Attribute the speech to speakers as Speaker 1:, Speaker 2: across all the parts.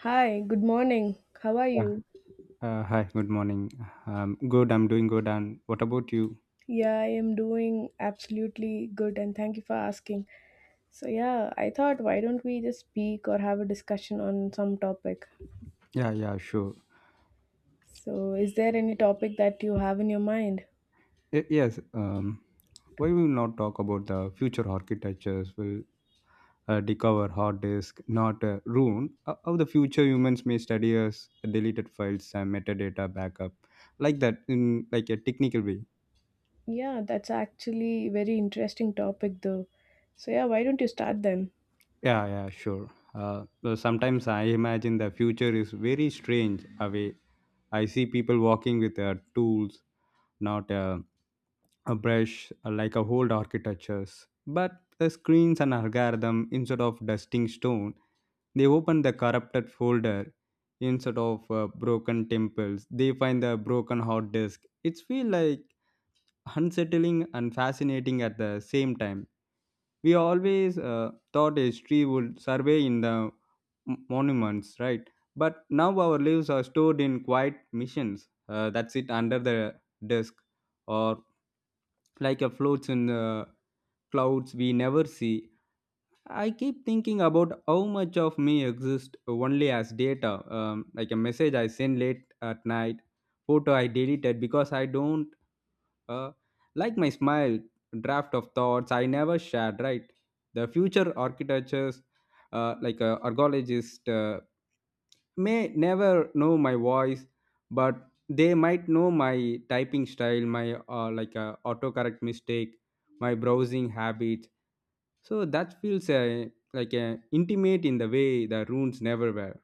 Speaker 1: Hi, good morning. How are
Speaker 2: Yeah.
Speaker 1: you?
Speaker 2: Hi, good morning. Good, I'm doing good. And what about you?
Speaker 1: Yeah, I am doing absolutely good and thank you for asking. So, yeah, I thought why don't we just speak or have a discussion on some topic?
Speaker 2: Yeah, yeah, sure.
Speaker 1: So, is there any topic that you have in your mind?
Speaker 2: Yes. Why we not talk about the future architectures will decover hard disk, not ruin how the future humans may study us deleted files and metadata backup like that in like a technical way.
Speaker 1: Yeah, that's actually a very interesting topic though. So, yeah, why don't you start then?
Speaker 2: Yeah, yeah, sure. Though sometimes I imagine the future is very strange away. I see people walking with tools, not a brush, like a old architectures, but the screens and algorithm instead of dusting stone, they open the corrupted folder. Instead of broken temples, they find the broken hard disk. It's feel like unsettling and fascinating at the same time. We always thought history would survey in the monuments, right? But now our lives are stored in quiet missions that sit under the desk or like a floats in the clouds we never see. I keep thinking about how much of me exists only as data, like a message I send late at night, photo I deleted because I don't uh, like my smile, draft of thoughts I never shared, right? The future architectures, like a archaeologist, may never know my voice, but they might know my typing style, my autocorrect mistake, my browsing habits. So that feels intimate in the way the runes never were.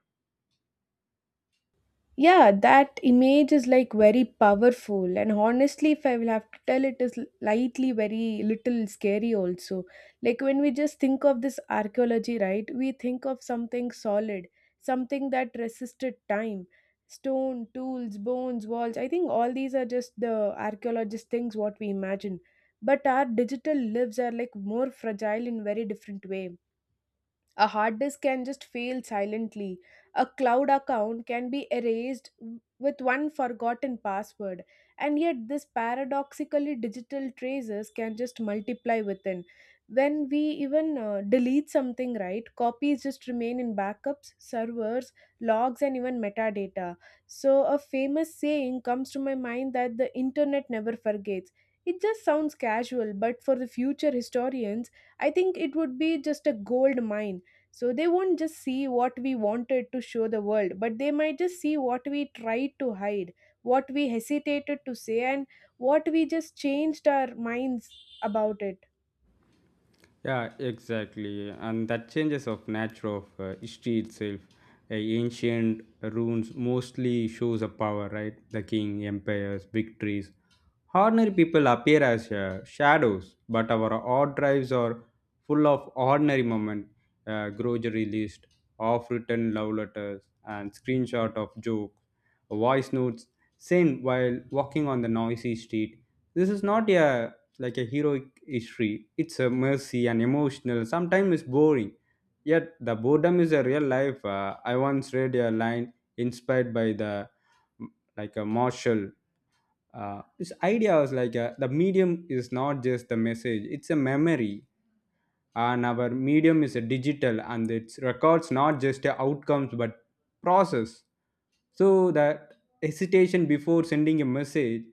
Speaker 1: Yeah, that image is like very powerful, and honestly, if I will have to tell, it is lightly very little scary also. Like, when we just think of this archaeology, right, we think of something solid, something that resisted time. Stone tools, bones, walls, I think all these are just the archaeologist things what we imagine. But our digital lives are like more fragile in very different way. A hard disk can just fail silently. A cloud account can be erased with one forgotten password. And yet, this paradoxically digital traces can just multiply within. When we even delete something, right, copies just remain in backups, servers, logs, and even metadata. So, a famous saying comes to my mind that the internet never forgets. It just sounds casual, but for the future historians, I think it would be just a gold mine. So they won't just see what we wanted to show the world, but they might just see what we tried to hide, what we hesitated to say, and what we just changed our minds about it.
Speaker 2: Yeah, exactly. And that changes of nature of history itself. Ancient runes mostly shows a power, right? The king, empires, victories. Ordinary people appear as shadows, but our odd drives are full of ordinary moment, grocery list, off-written love letters, and screenshot of joke voice notes sent while walking on the noisy street. This is not a like a heroic history. It's a mercy and emotional. Sometimes it's boring. Yet the boredom is a real life. I once read a line inspired by the like a Marshall. This idea was like a, the medium is not just the message; it's a memory, and our medium is a digital and it records not just the outcomes but process, so that hesitation before sending a message,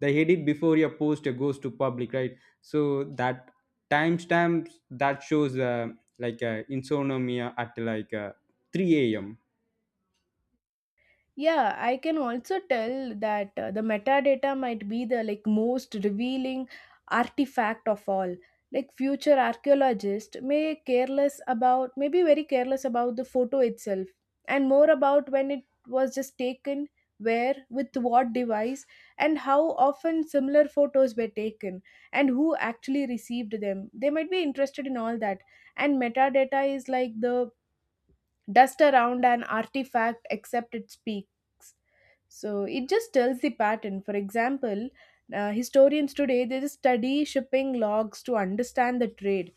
Speaker 2: the edit before your post goes to public, right? So that timestamps that shows insomnia at 3 a.m.
Speaker 1: Yeah, I can also tell that the metadata might be the like most revealing artifact of all. Like, future archaeologists may careless about, may be very careless about the photo itself, and more about when it was just taken, where, with what device, and how often similar photos were taken and who actually received them. They might be interested in all that. And metadata is like the dust around an artifact, except it speaks. So it just tells the pattern. For example, historians today, they just study shipping logs to understand the trade.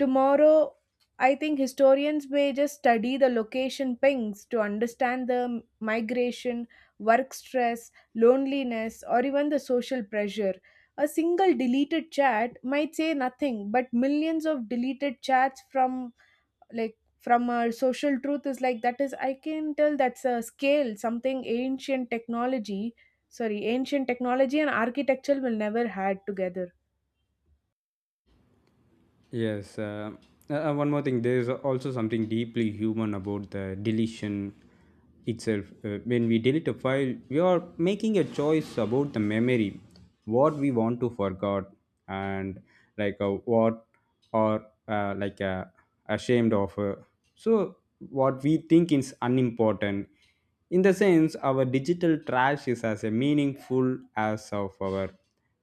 Speaker 1: Tomorrow, I think historians may just study the location pings to understand the migration, work stress, loneliness, or even the social pressure. A single deleted chat might say nothing, but millions of deleted chats from like from a social truth is like that, is, I can tell that's a scale something ancient technology, sorry, ancient technology and architecture will never had together.
Speaker 2: Yes, one more thing. There is also something deeply human about the deletion itself. When we delete a file, we are making a choice about the memory, what we want to forget, and what or ashamed of. So what we think is unimportant, in the sense, our digital trash is as a meaningful as of our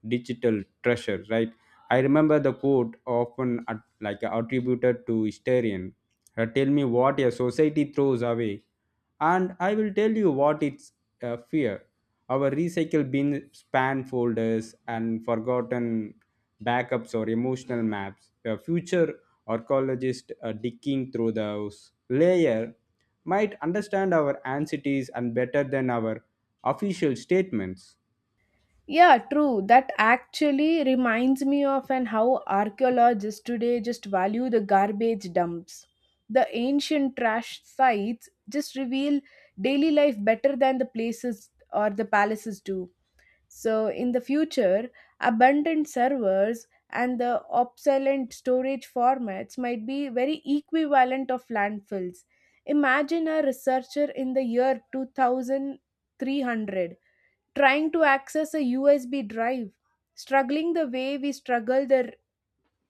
Speaker 2: digital treasure, right? I remember the quote often at, like attributed to historian. Tell me what a society throws away, and I will tell you what it's fear. Our recycle bin span folders and forgotten backups or emotional maps. A future archaeologist digging through those layer might understand our anxieties and better than our official statements.
Speaker 1: Yeah, true. That actually reminds me of, and how archaeologists today just value the garbage dumps. The ancient trash sites just reveal daily life better than the places or the palaces do. So, in the future, abundant servers and the obsolete storage formats might be very equivalent of landfills. Imagine a researcher in the year 2300 trying to access a USB drive, struggling the way we struggle the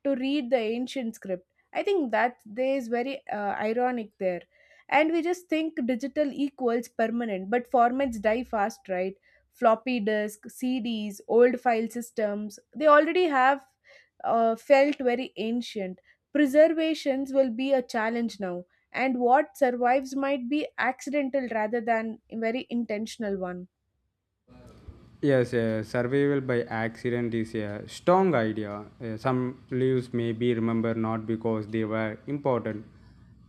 Speaker 1: to read the ancient script. I think that there is very ironic there. And we just think digital equals permanent, but formats die fast, right? Floppy disk, CDs, old file systems, they already have felt very ancient. Preservations will be a challenge now, and what survives might be accidental rather than a very intentional one.
Speaker 2: Yes, survival by accident is a strong idea. Some lives may be remembered not because they were important,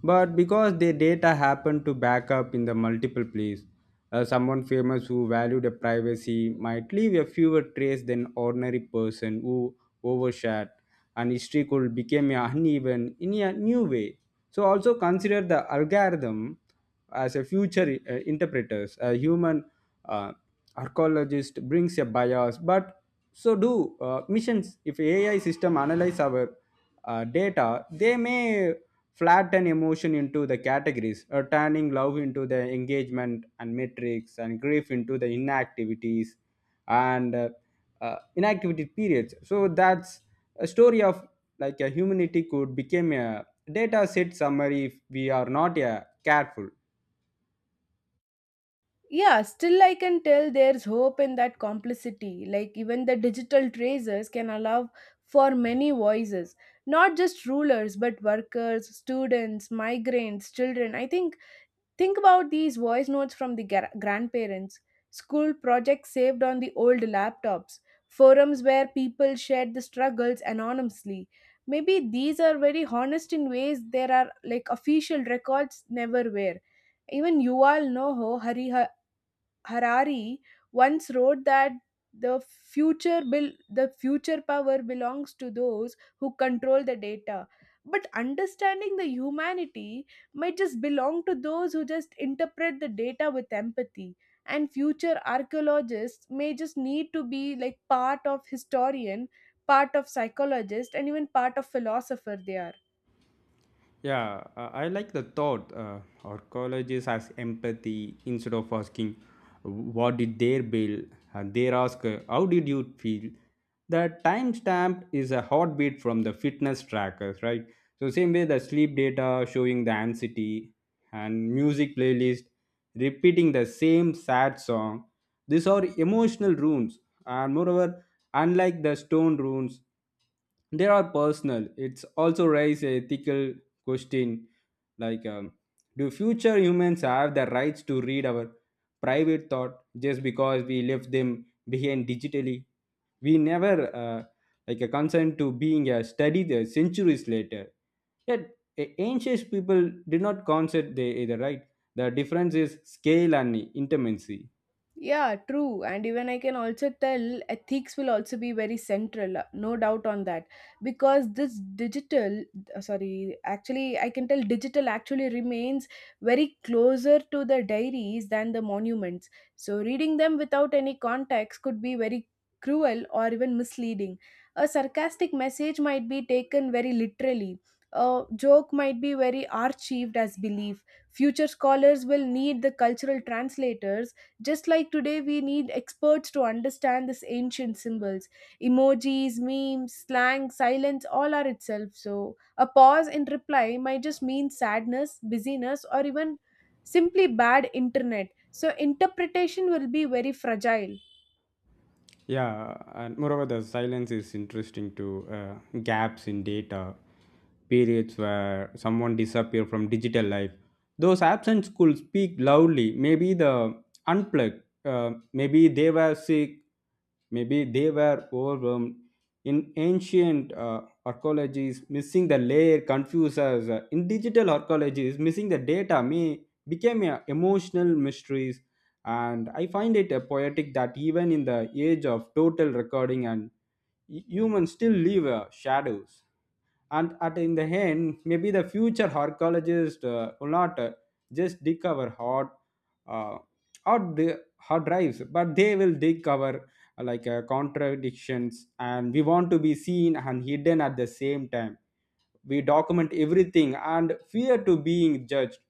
Speaker 2: but because their data happened to back up in the multiple place. Someone famous who valued a privacy might leave a fewer trace than ordinary person who overshared. And history could become uneven in a new way. So also consider the algorithm as a future interpreters. A human uh, archaeologist brings a bias, but so do missions. If AI system analyze our data, they may flatten emotion into the categories, turning love into the engagement and metrics, and grief into the inactivities and inactivity periods, so that's a story of like a humanity could become a data set summary if we are not careful.
Speaker 1: Yeah, still I can tell there's hope in that complicity. Like, even the digital traces can allow for many voices, not just rulers, but workers, students, migrants, children. I think about these voice notes from the grandparents, school projects saved on the old laptops, forums where people shared the struggles anonymously. Maybe these are very honest in ways there are like official records never were. Even Yuval Noho Harihar Harari once wrote that the future bill the future power belongs to those who control the data, but understanding the humanity might just belong to those who just interpret the data with empathy. And future archaeologists may just need to be like part of historian, part of psychologist, and even part of philosopher they are.
Speaker 2: Yeah, I like the thought. Our colleges has empathy. Instead of asking, "What did they bill?" and they ask, "How did you feel?" The timestamp is a heartbeat from the fitness trackers, right? So same way, the sleep data showing the anxiety and music playlist repeating the same sad song. These are emotional runes, and moreover, unlike the stone runes, they are personal. It's also raise a ethical question, like um, do future humans have the rights to read our private thought just because we left them behind digitally? We never uh, like a consent to being studied centuries later. Yet ancient people did not consider they either, right? The difference is scale and intimacy.
Speaker 1: Yeah, true. And even I can also tell ethics will also be very central, no doubt on that. Because this digital, sorry, actually, I can tell digital actually remains very closer to the diaries than the monuments. So, reading them without any context could be very cruel or even misleading. A sarcastic message might be taken very literally. A joke might be very archived as belief. Future scholars will need the cultural translators, just like today, we need experts to understand these ancient symbols. Emojis, memes, slang, silence, all are itself. So, a pause in reply might just mean sadness, busyness, or even simply bad internet. So, interpretation will be very fragile.
Speaker 2: Yeah, and moreover, the silence is interesting to gaps in data, periods where someone disappear from digital life. Those absent could speak loudly. Maybe the unplugged. Maybe they were sick. Maybe they were overwhelmed. In ancient archaeologies, missing the layer confuses us. In digital archaeologies, missing the data may became a emotional mysteries, and I find it a poetic that even in the age of total recording, and humans still leave shadows. And at in the end, maybe the future archaeologists will not just dig our uh, hard drives, but they will dig our contradictions. And we want to be seen and hidden at the same time, we document everything and fear to being judged,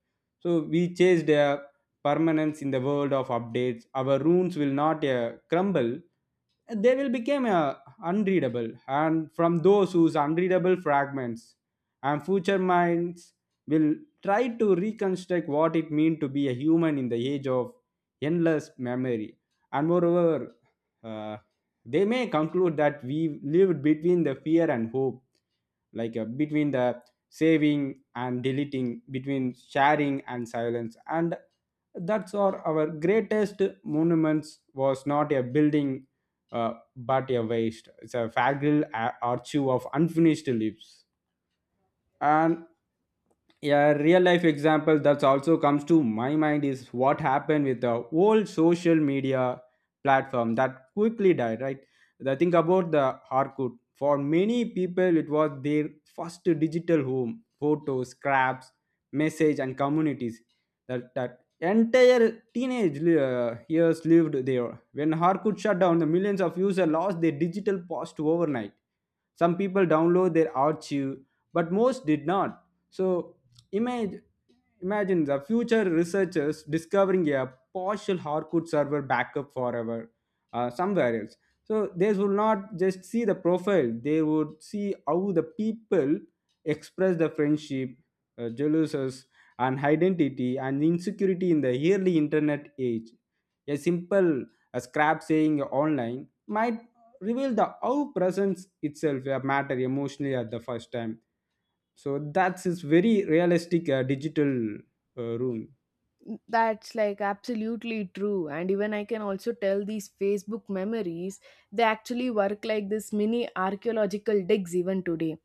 Speaker 2: so we chased a permanence in the world of updates. Our runes will not crumble, they will become unreadable. And from those whose unreadable fragments, and future minds will try to reconstruct what it means to be a human in the age of endless memory. And moreover, uh, they may conclude that we lived between the fear and hope, between the saving and deleting, between sharing and silence. And that's our greatest monuments was not a building but a waste. It's a fragile archive of unfinished lives. And a real life example that also comes to my mind is what happened with the old social media platform that quickly died, right? The think about the harcourt, for many people it was their first digital home, photos, scraps, message, and communities, that entire teenage years lived there. When harcourt shut down, the millions of users lost their digital post overnight. Some people download their archive, but most did not. So Imagine, imagine the future researchers discovering a partial Harcourt server backup forever somewhere else. So they will not just see the profile; they would see how the people express the friendship, jealousies, and identity and insecurity in the early internet age. A simple a scrap saying online might reveal the how presence itself a matter emotionally at the first time. So that's his very realistic digital room.
Speaker 1: That's like absolutely true. And even I can also tell these Facebook memories, they actually work like this mini archaeological digs even today.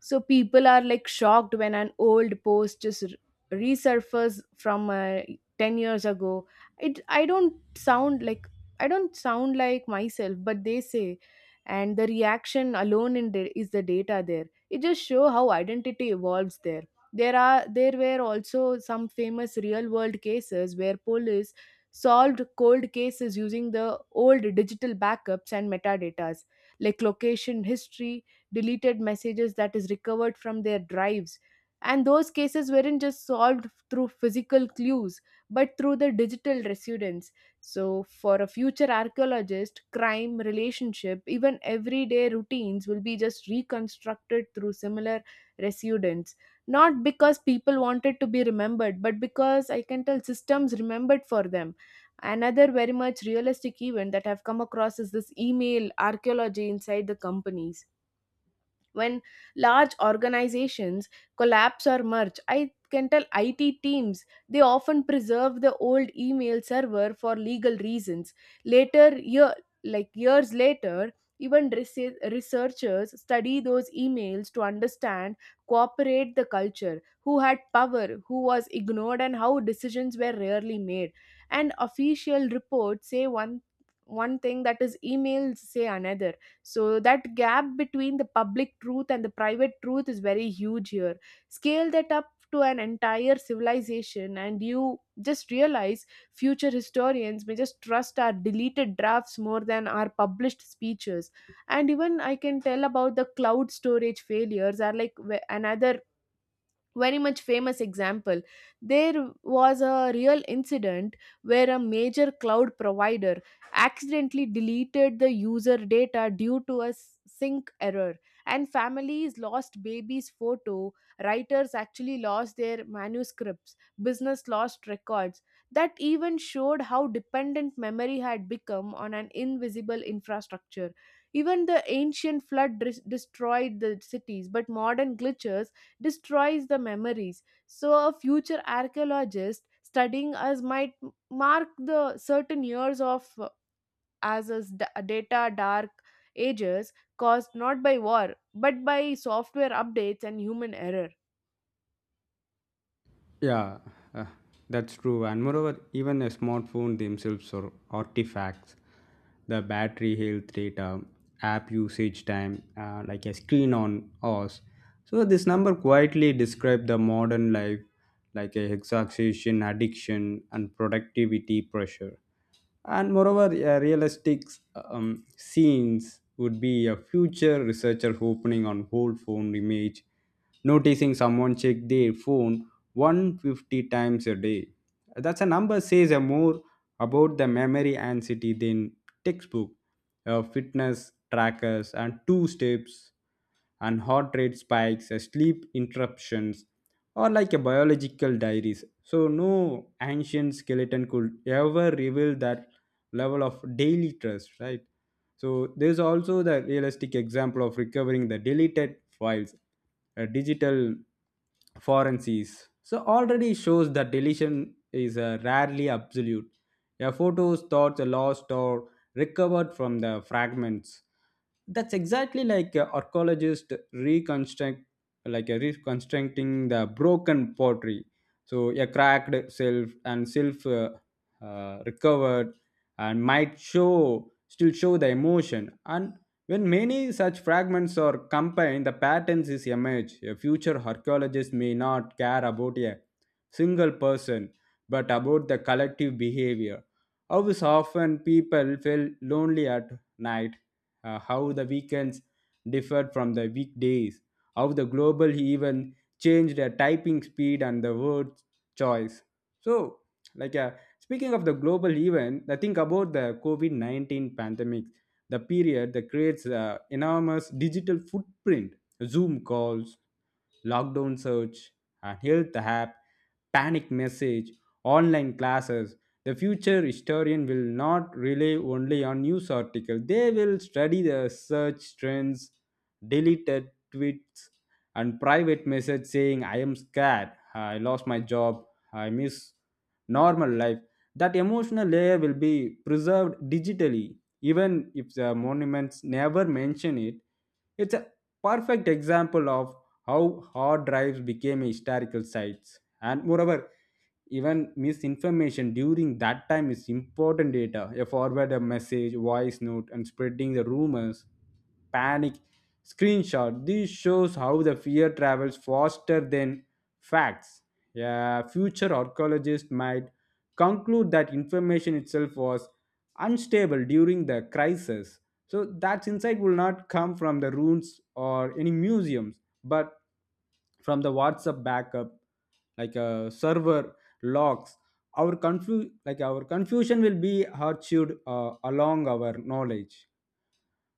Speaker 1: So people are like shocked when an old post just resurfaces from 10 years ago. It, I don't sound like, I don't sound like myself, but they say, and the reaction alone in the, is the data there. It just show how identity evolves there. There are, there were also some famous real world cases where police solved cold cases using the old digital backups and metadatas, like location history, deleted messages that is recovered from their drives. And those cases weren't just solved through physical clues, but through the digital residence. So for a future archaeologist, crime, relationship, even everyday routines will be just reconstructed through similar residence, not because people wanted to be remembered, but because I can tell systems remembered for them. Another very much realistic event that I've come across is this email archaeology inside the companies. When large organizations collapse or merge, I can tell IT teams, they often preserve the old email server for legal reasons. Later, year, like years later, even researchers study those emails to understand cooperate the culture, who had power, who was ignored, and how decisions were rarely made. And official reports say one thing that is emails say another. So that gap between the public truth and the private truth is very huge here. Scale that up to an entire civilization and you just realize future historians may just trust our deleted drafts more than our published speeches. And even I can tell about the cloud storage failures are like another very much famous example. There was a real incident where a major cloud provider accidentally deleted the user data due to a sync error, and families lost babies photo, writers actually lost their manuscripts, business lost records. That even showed how dependent memory had become on an invisible infrastructure. Even the ancient flood destroyed the cities, but modern glitches destroys the memories. So, a future archaeologist studying us might mark the certain years of as data dark ages caused not by war but by software updates and human error.
Speaker 2: Yeah, uh, that's true. And moreover, even a smartphone themselves are artifacts. The battery health data, app usage time, like a screen on us. So this number quietly describe the modern life, like a exhaustion, addiction, and productivity pressure. And moreover, realistic scenes would be a future researcher opening on old phone image, noticing someone check their phone 150 times a day. That's a number says a more about the memory and city than textbook, fitness trackers and two steps and heart rate spikes, sleep interruptions, or like a biological diaries. So no ancient skeleton could ever reveal that level of daily trust, right? So there's also the realistic example of recovering the deleted files, digital forensics. So already shows that deletion is rarely absolute. Yeah, photos, thoughts are lost or recovered from the fragments. That's exactly like a archaeologist reconstruct, like a reconstructing the broken pottery. So a cracked self and self recovered and might show still show the emotion. And when many such fragments are combined, the patterns is emerge. A future archaeologist may not care about a single person, but about the collective behavior, how is often people feel lonely at night, how the weekends differed from the weekdays, how the global even changed the typing speed and the word choice. So, like uh, speaking of the global event, I think about the COVID-19 pandemic, the period that creates enormous digital footprint, Zoom calls, lockdown search, a health app, panic message, online classes. The future historian will not rely only on news articles. They will study the search trends, deleted tweets, and private message saying, "I am scared, I lost my job, I miss normal life." That emotional layer will be preserved digitally, even if the monuments never mention it. It's a perfect example of how hard drives became historical sites. And moreover, even misinformation during that time is important data. A forward a message, voice note, and spreading the rumors, panic, screenshot. This shows how the fear travels faster than facts. A future archaeologist might conclude that information itself was unstable during the crisis. So that insight will not come from the ruins or any museums, but from the WhatsApp backup, like a server logs. Our confusion will be archived along our knowledge.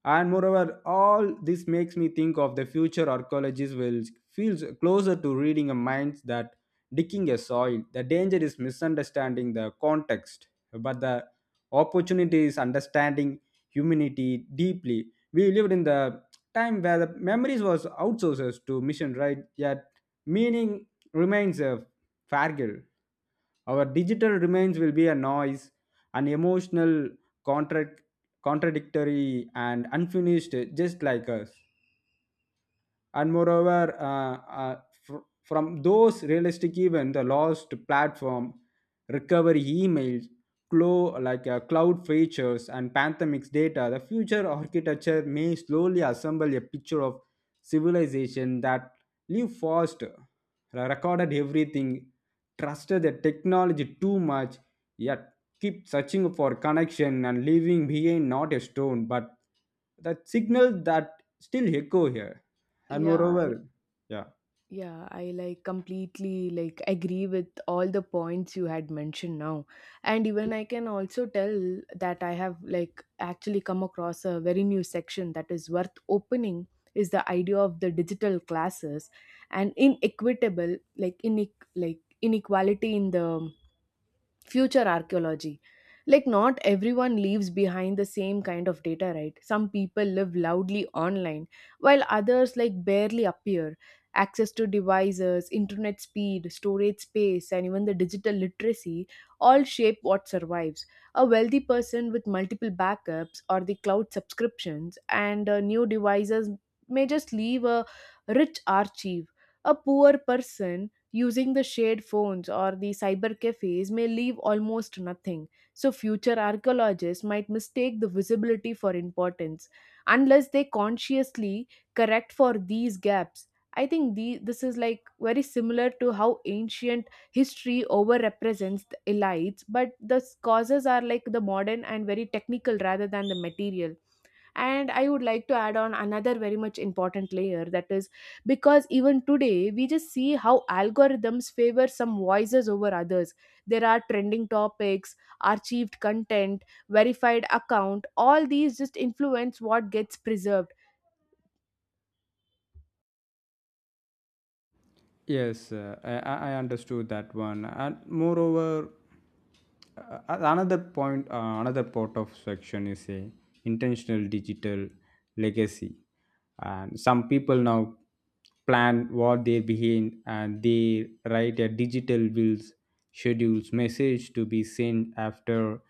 Speaker 2: And moreover, all this makes me think of the future archaeologists will feels closer to reading a mind that digging a soil. The danger is misunderstanding the context, but the opportunity is understanding humanity deeply. We lived in the time where the memories was outsourced to mission, right? Yet meaning remains a fargal. Our digital remains will be a noise, an emotional, contract, contradictory, and unfinished, just like us and moreover uh, uh, from those realistic event the lost platform recovery emails cloud features and pandemics data the future architecture may slowly assemble a picture of civilization that live fast recorded everything, trusted the technology too much, yet keep searching for connection and leaving behind not a stone but that signal that still echo here and
Speaker 1: Yeah.
Speaker 2: moreover yeah.
Speaker 1: Yeah, I like completely like agree with all the points you had mentioned now. And even I can also tell that I have like actually come across a very new section that is worth opening is the idea of the digital classes and inequitable, like in, like inequality in the future archaeology. Like, not everyone leaves behind the same kind of data, right? Some people live loudly online, while others like barely appear. Access to devices, internet speed, storage space, and even the digital literacy, all shape what survives. A wealthy person with multiple backups or the cloud subscriptions and new devices may just leave a rich archive. A poor person using the shared phones or the cyber cafes may leave almost nothing. So future archaeologists might mistake the visibility for importance, unless they consciously correct for these gaps. I think the, this is like very similar to how ancient history overrepresents the elites, but the causes are like the modern and very technical rather than the material. And I would like to add on another very much important layer, that is because even today we just see how algorithms favor some voices over others. There are trending topics, archived content, verified account, all these just influence what gets preserved.
Speaker 2: Yes, I understood that one. And moreover, another point, another part of section is a intentional digital legacy. And some people now plan what they behind and they write a digital wills, schedules, message to be sent after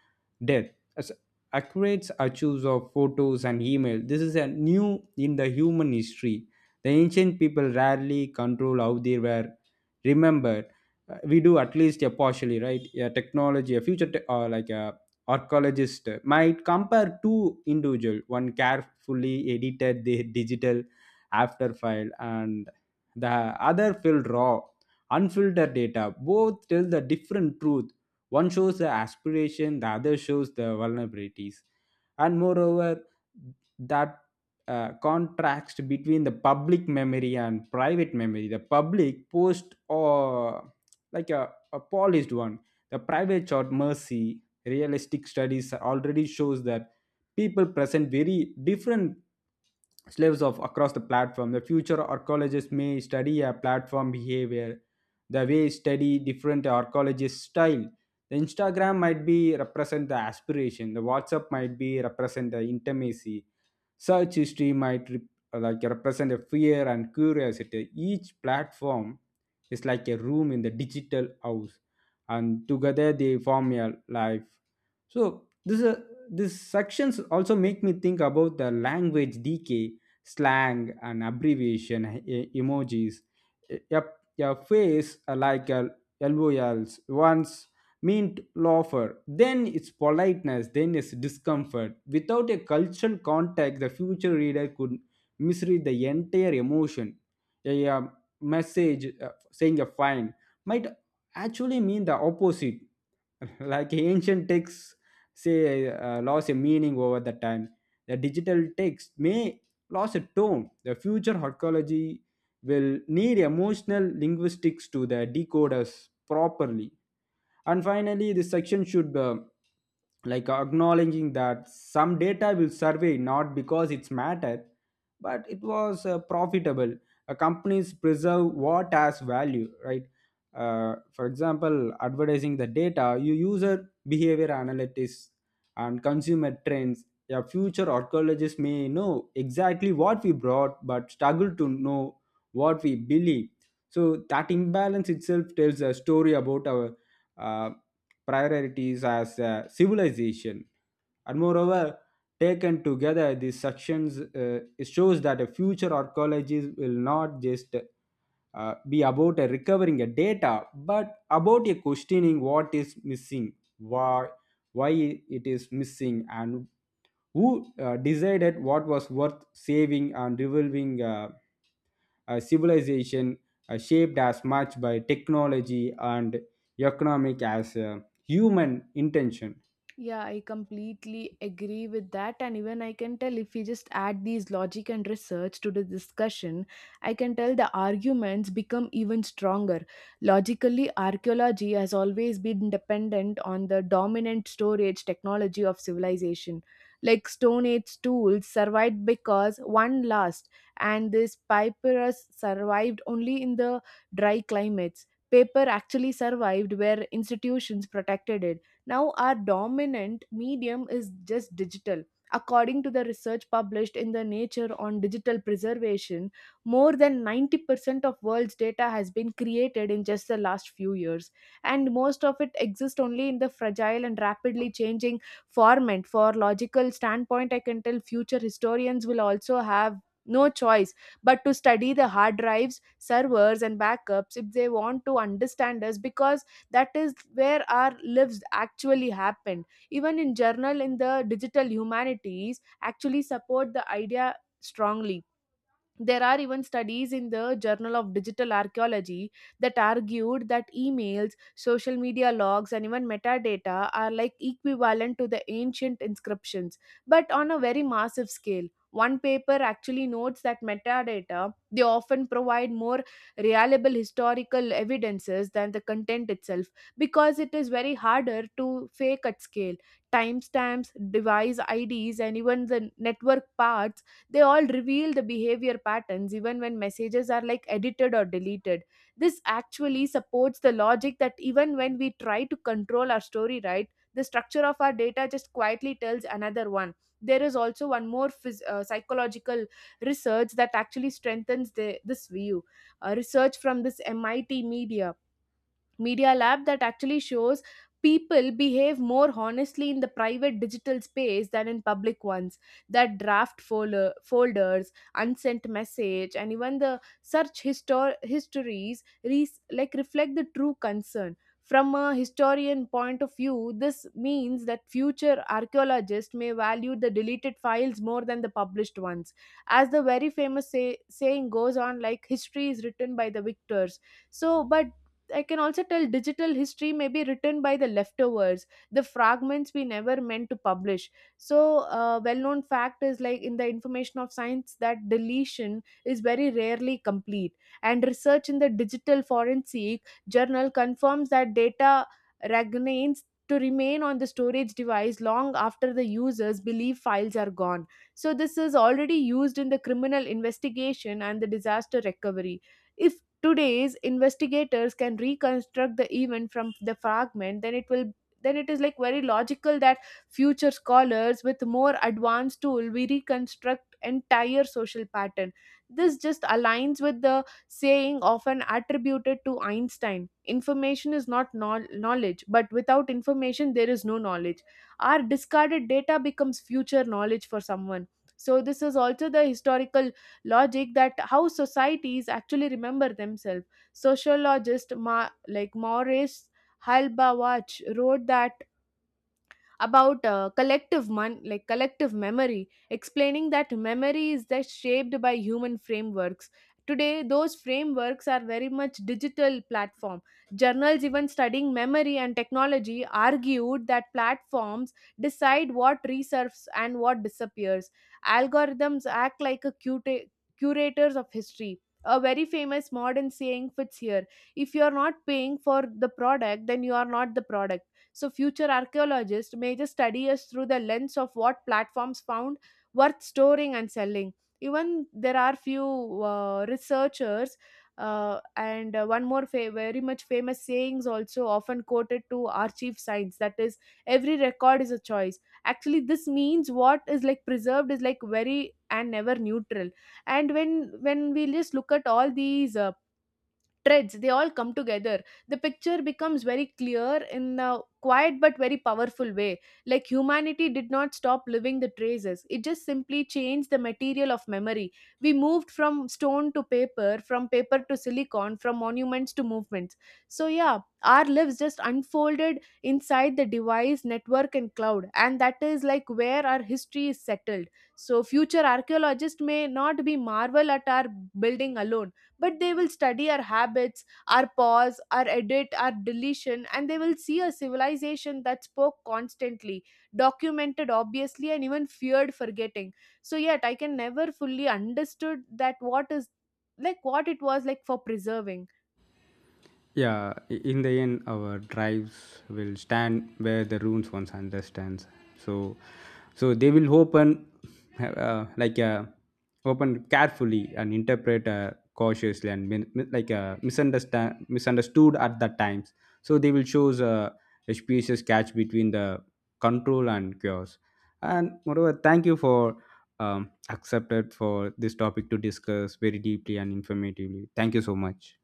Speaker 2: death. As accurate archives of photos and email. This is a new in the human history. The ancient people rarely control how they were remembered. We do at least a partially, right? A technology, a future, te- or like a archaeologist might compare two individual. One carefully edited their digital after file, and the other filled raw, unfiltered data. Both tell the different truth. One shows the aspiration, the other shows the vulnerabilities and moreover that contrast between the public memory and private memory. The public post or like a polished one. The private short mercy realistic studies already shows that people present very different slaves of across the platform. The future archaeologists may study a platform behavior, the way study different archaeologist style. The Instagram might be represent the aspiration. The WhatsApp might be represent the intimacy such history might represent a fear and curiosity. Each platform is like a room in the digital house, and together they form a life. So this these sections also make me think about the language decay, slang, and abbreviation emojis. A phrase LOLs once meant laughter, then it's politeness, then it's discomfort. Without a cultural context, the future reader could misread the entire emotion. A message saying a fine might actually mean the opposite like ancient texts say lost a meaning over the time, the digital text may lose a tone. The future archaeology will need emotional linguistics to the decoders properly. And finally this section should acknowledging that some data will survey not because it's matter but it was profitable. A companies preserve what has value, right? For example, advertising the data you user behavior analytics and consumer trends. A future archaeologists may know exactly what we brought but struggle to know what we believe. So that imbalance itself tells a story about our uh, priorities as a civilization. And moreover, taken together these sections shows that a future archaeologist will not just be about a recovering a data, but about a questioning what is missing, why it is missing, and who decided what was worth saving and revolving a civilization shaped as much by technology and economic as human intention.
Speaker 1: Yeah, I completely agree with that. And even I can tell if we just add these logic and research to the discussion, I can tell the arguments become even stronger. Logically, archaeology has always been dependent on the dominant storage technology of civilization. Like Stone Age tools survived because one last, and this papyrus survived only in the dry climates. Paper actually survived where institutions protected it now, our dominant medium is just digital. According to the research published in the Nature on Digital Preservation, more than 90% of world's data has been created in just the last few years, and most of it exists only in the fragile and rapidly changing format. For logical standpoint, I can tell future historians will also have no choice but to study the hard drives, servers, and backups if they want to understand us, because that is where our lives actually happened. Even in journal in the digital humanities actually support the idea strongly. There are even studies in the Journal of Digital Archaeology that argued that emails, social media logs, and even metadata are like equivalent to the ancient inscriptions, but on a very massive scale. One paper actually notes that metadata they often provide more reliable historical evidences than the content itself, because it is very harder to fake at scale. Timestamps, device ids, and even the network paths, they all reveal the behavior patterns even when messages are like edited or deleted. This actually supports the logic that even when we try to control our story, right, the structure of our data just quietly tells another one. There is also one more psychological research that actually strengthens this view. Research from this MIT media lab that actually shows people behave more honestly in the private digital space than in public ones. That draft folders, unsent message, and even the search like reflect the true concern. From a historian point of view, this means that future archaeologists may value the deleted files more than the published ones. As the very famous saying goes on, like, history is written by the victors, so but I can also tell digital history may be written by the leftovers, the fragments we never meant to publish. So, a well known fact is like in the information of science that deletion is very rarely complete. And research in the digital forensic journal confirms that data remain on the storage device long after the users believe files are gone. So, this is already used in the criminal investigation and the disaster recovery. If today's investigators can reconstruct the event from the fragment, then it is like very logical that future scholars with more advanced tool we reconstruct entire social pattern. This just aligns with the saying often attributed to Einstein: information is not knowledge, but without information there is no knowledge. Our discarded data becomes future knowledge for someone. So this is also the historical logic that how societies actually remember themselves. Sociologist Maurice Halbawach wrote that about collective collective memory, explaining that memory is that shaped by human frameworks. Today those frameworks are very much digital platform. Journals even studying memory and technology argued that platforms decide what resurfaces and what disappears. Algorithms act like a curators of history. A very famous modern saying fits here: if you are not paying for the product, then you are not the product. So, future archaeologists may just study us through the lens of what platforms found worth storing and selling. Even there are few researchers. And One more very much famous sayings also often quoted to archive science, that is, every record is a choice. Actually this means what is like preserved is like very and never neutral. And when we just look at all these threads, they all come together, the picture becomes very clear in a quiet but very powerful way. Like humanity did not stop living the traces, it just simply changed the material of memory. We moved from stone to paper, from paper to silicon, from monuments to movements. So yeah, our lives just unfolded inside the device, network, and cloud, and that is like where our history is settled. So future archaeologists may not be marvel at our building alone, but they will study our habits, our pause, our edit, our deletion, and they will see a civilization that spoke constantly, documented obviously, and even feared forgetting. So yet I can never fully understood that what is like what it was like for preserving.
Speaker 2: Yeah, in the end, our drives will stand where the runes once understands. So, so they will open, uh, like uh, open carefully and interpret cautiously and min- mi- like misunderstand misunderstood at that times. So they will choose a species catch between the control and chaos. And moreover, thank you for accepted for this topic to discuss very deeply and informatively. Thank you so much.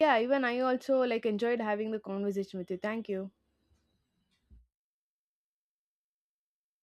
Speaker 1: Yeah, even I also like enjoyed having the conversation with you. Thank you.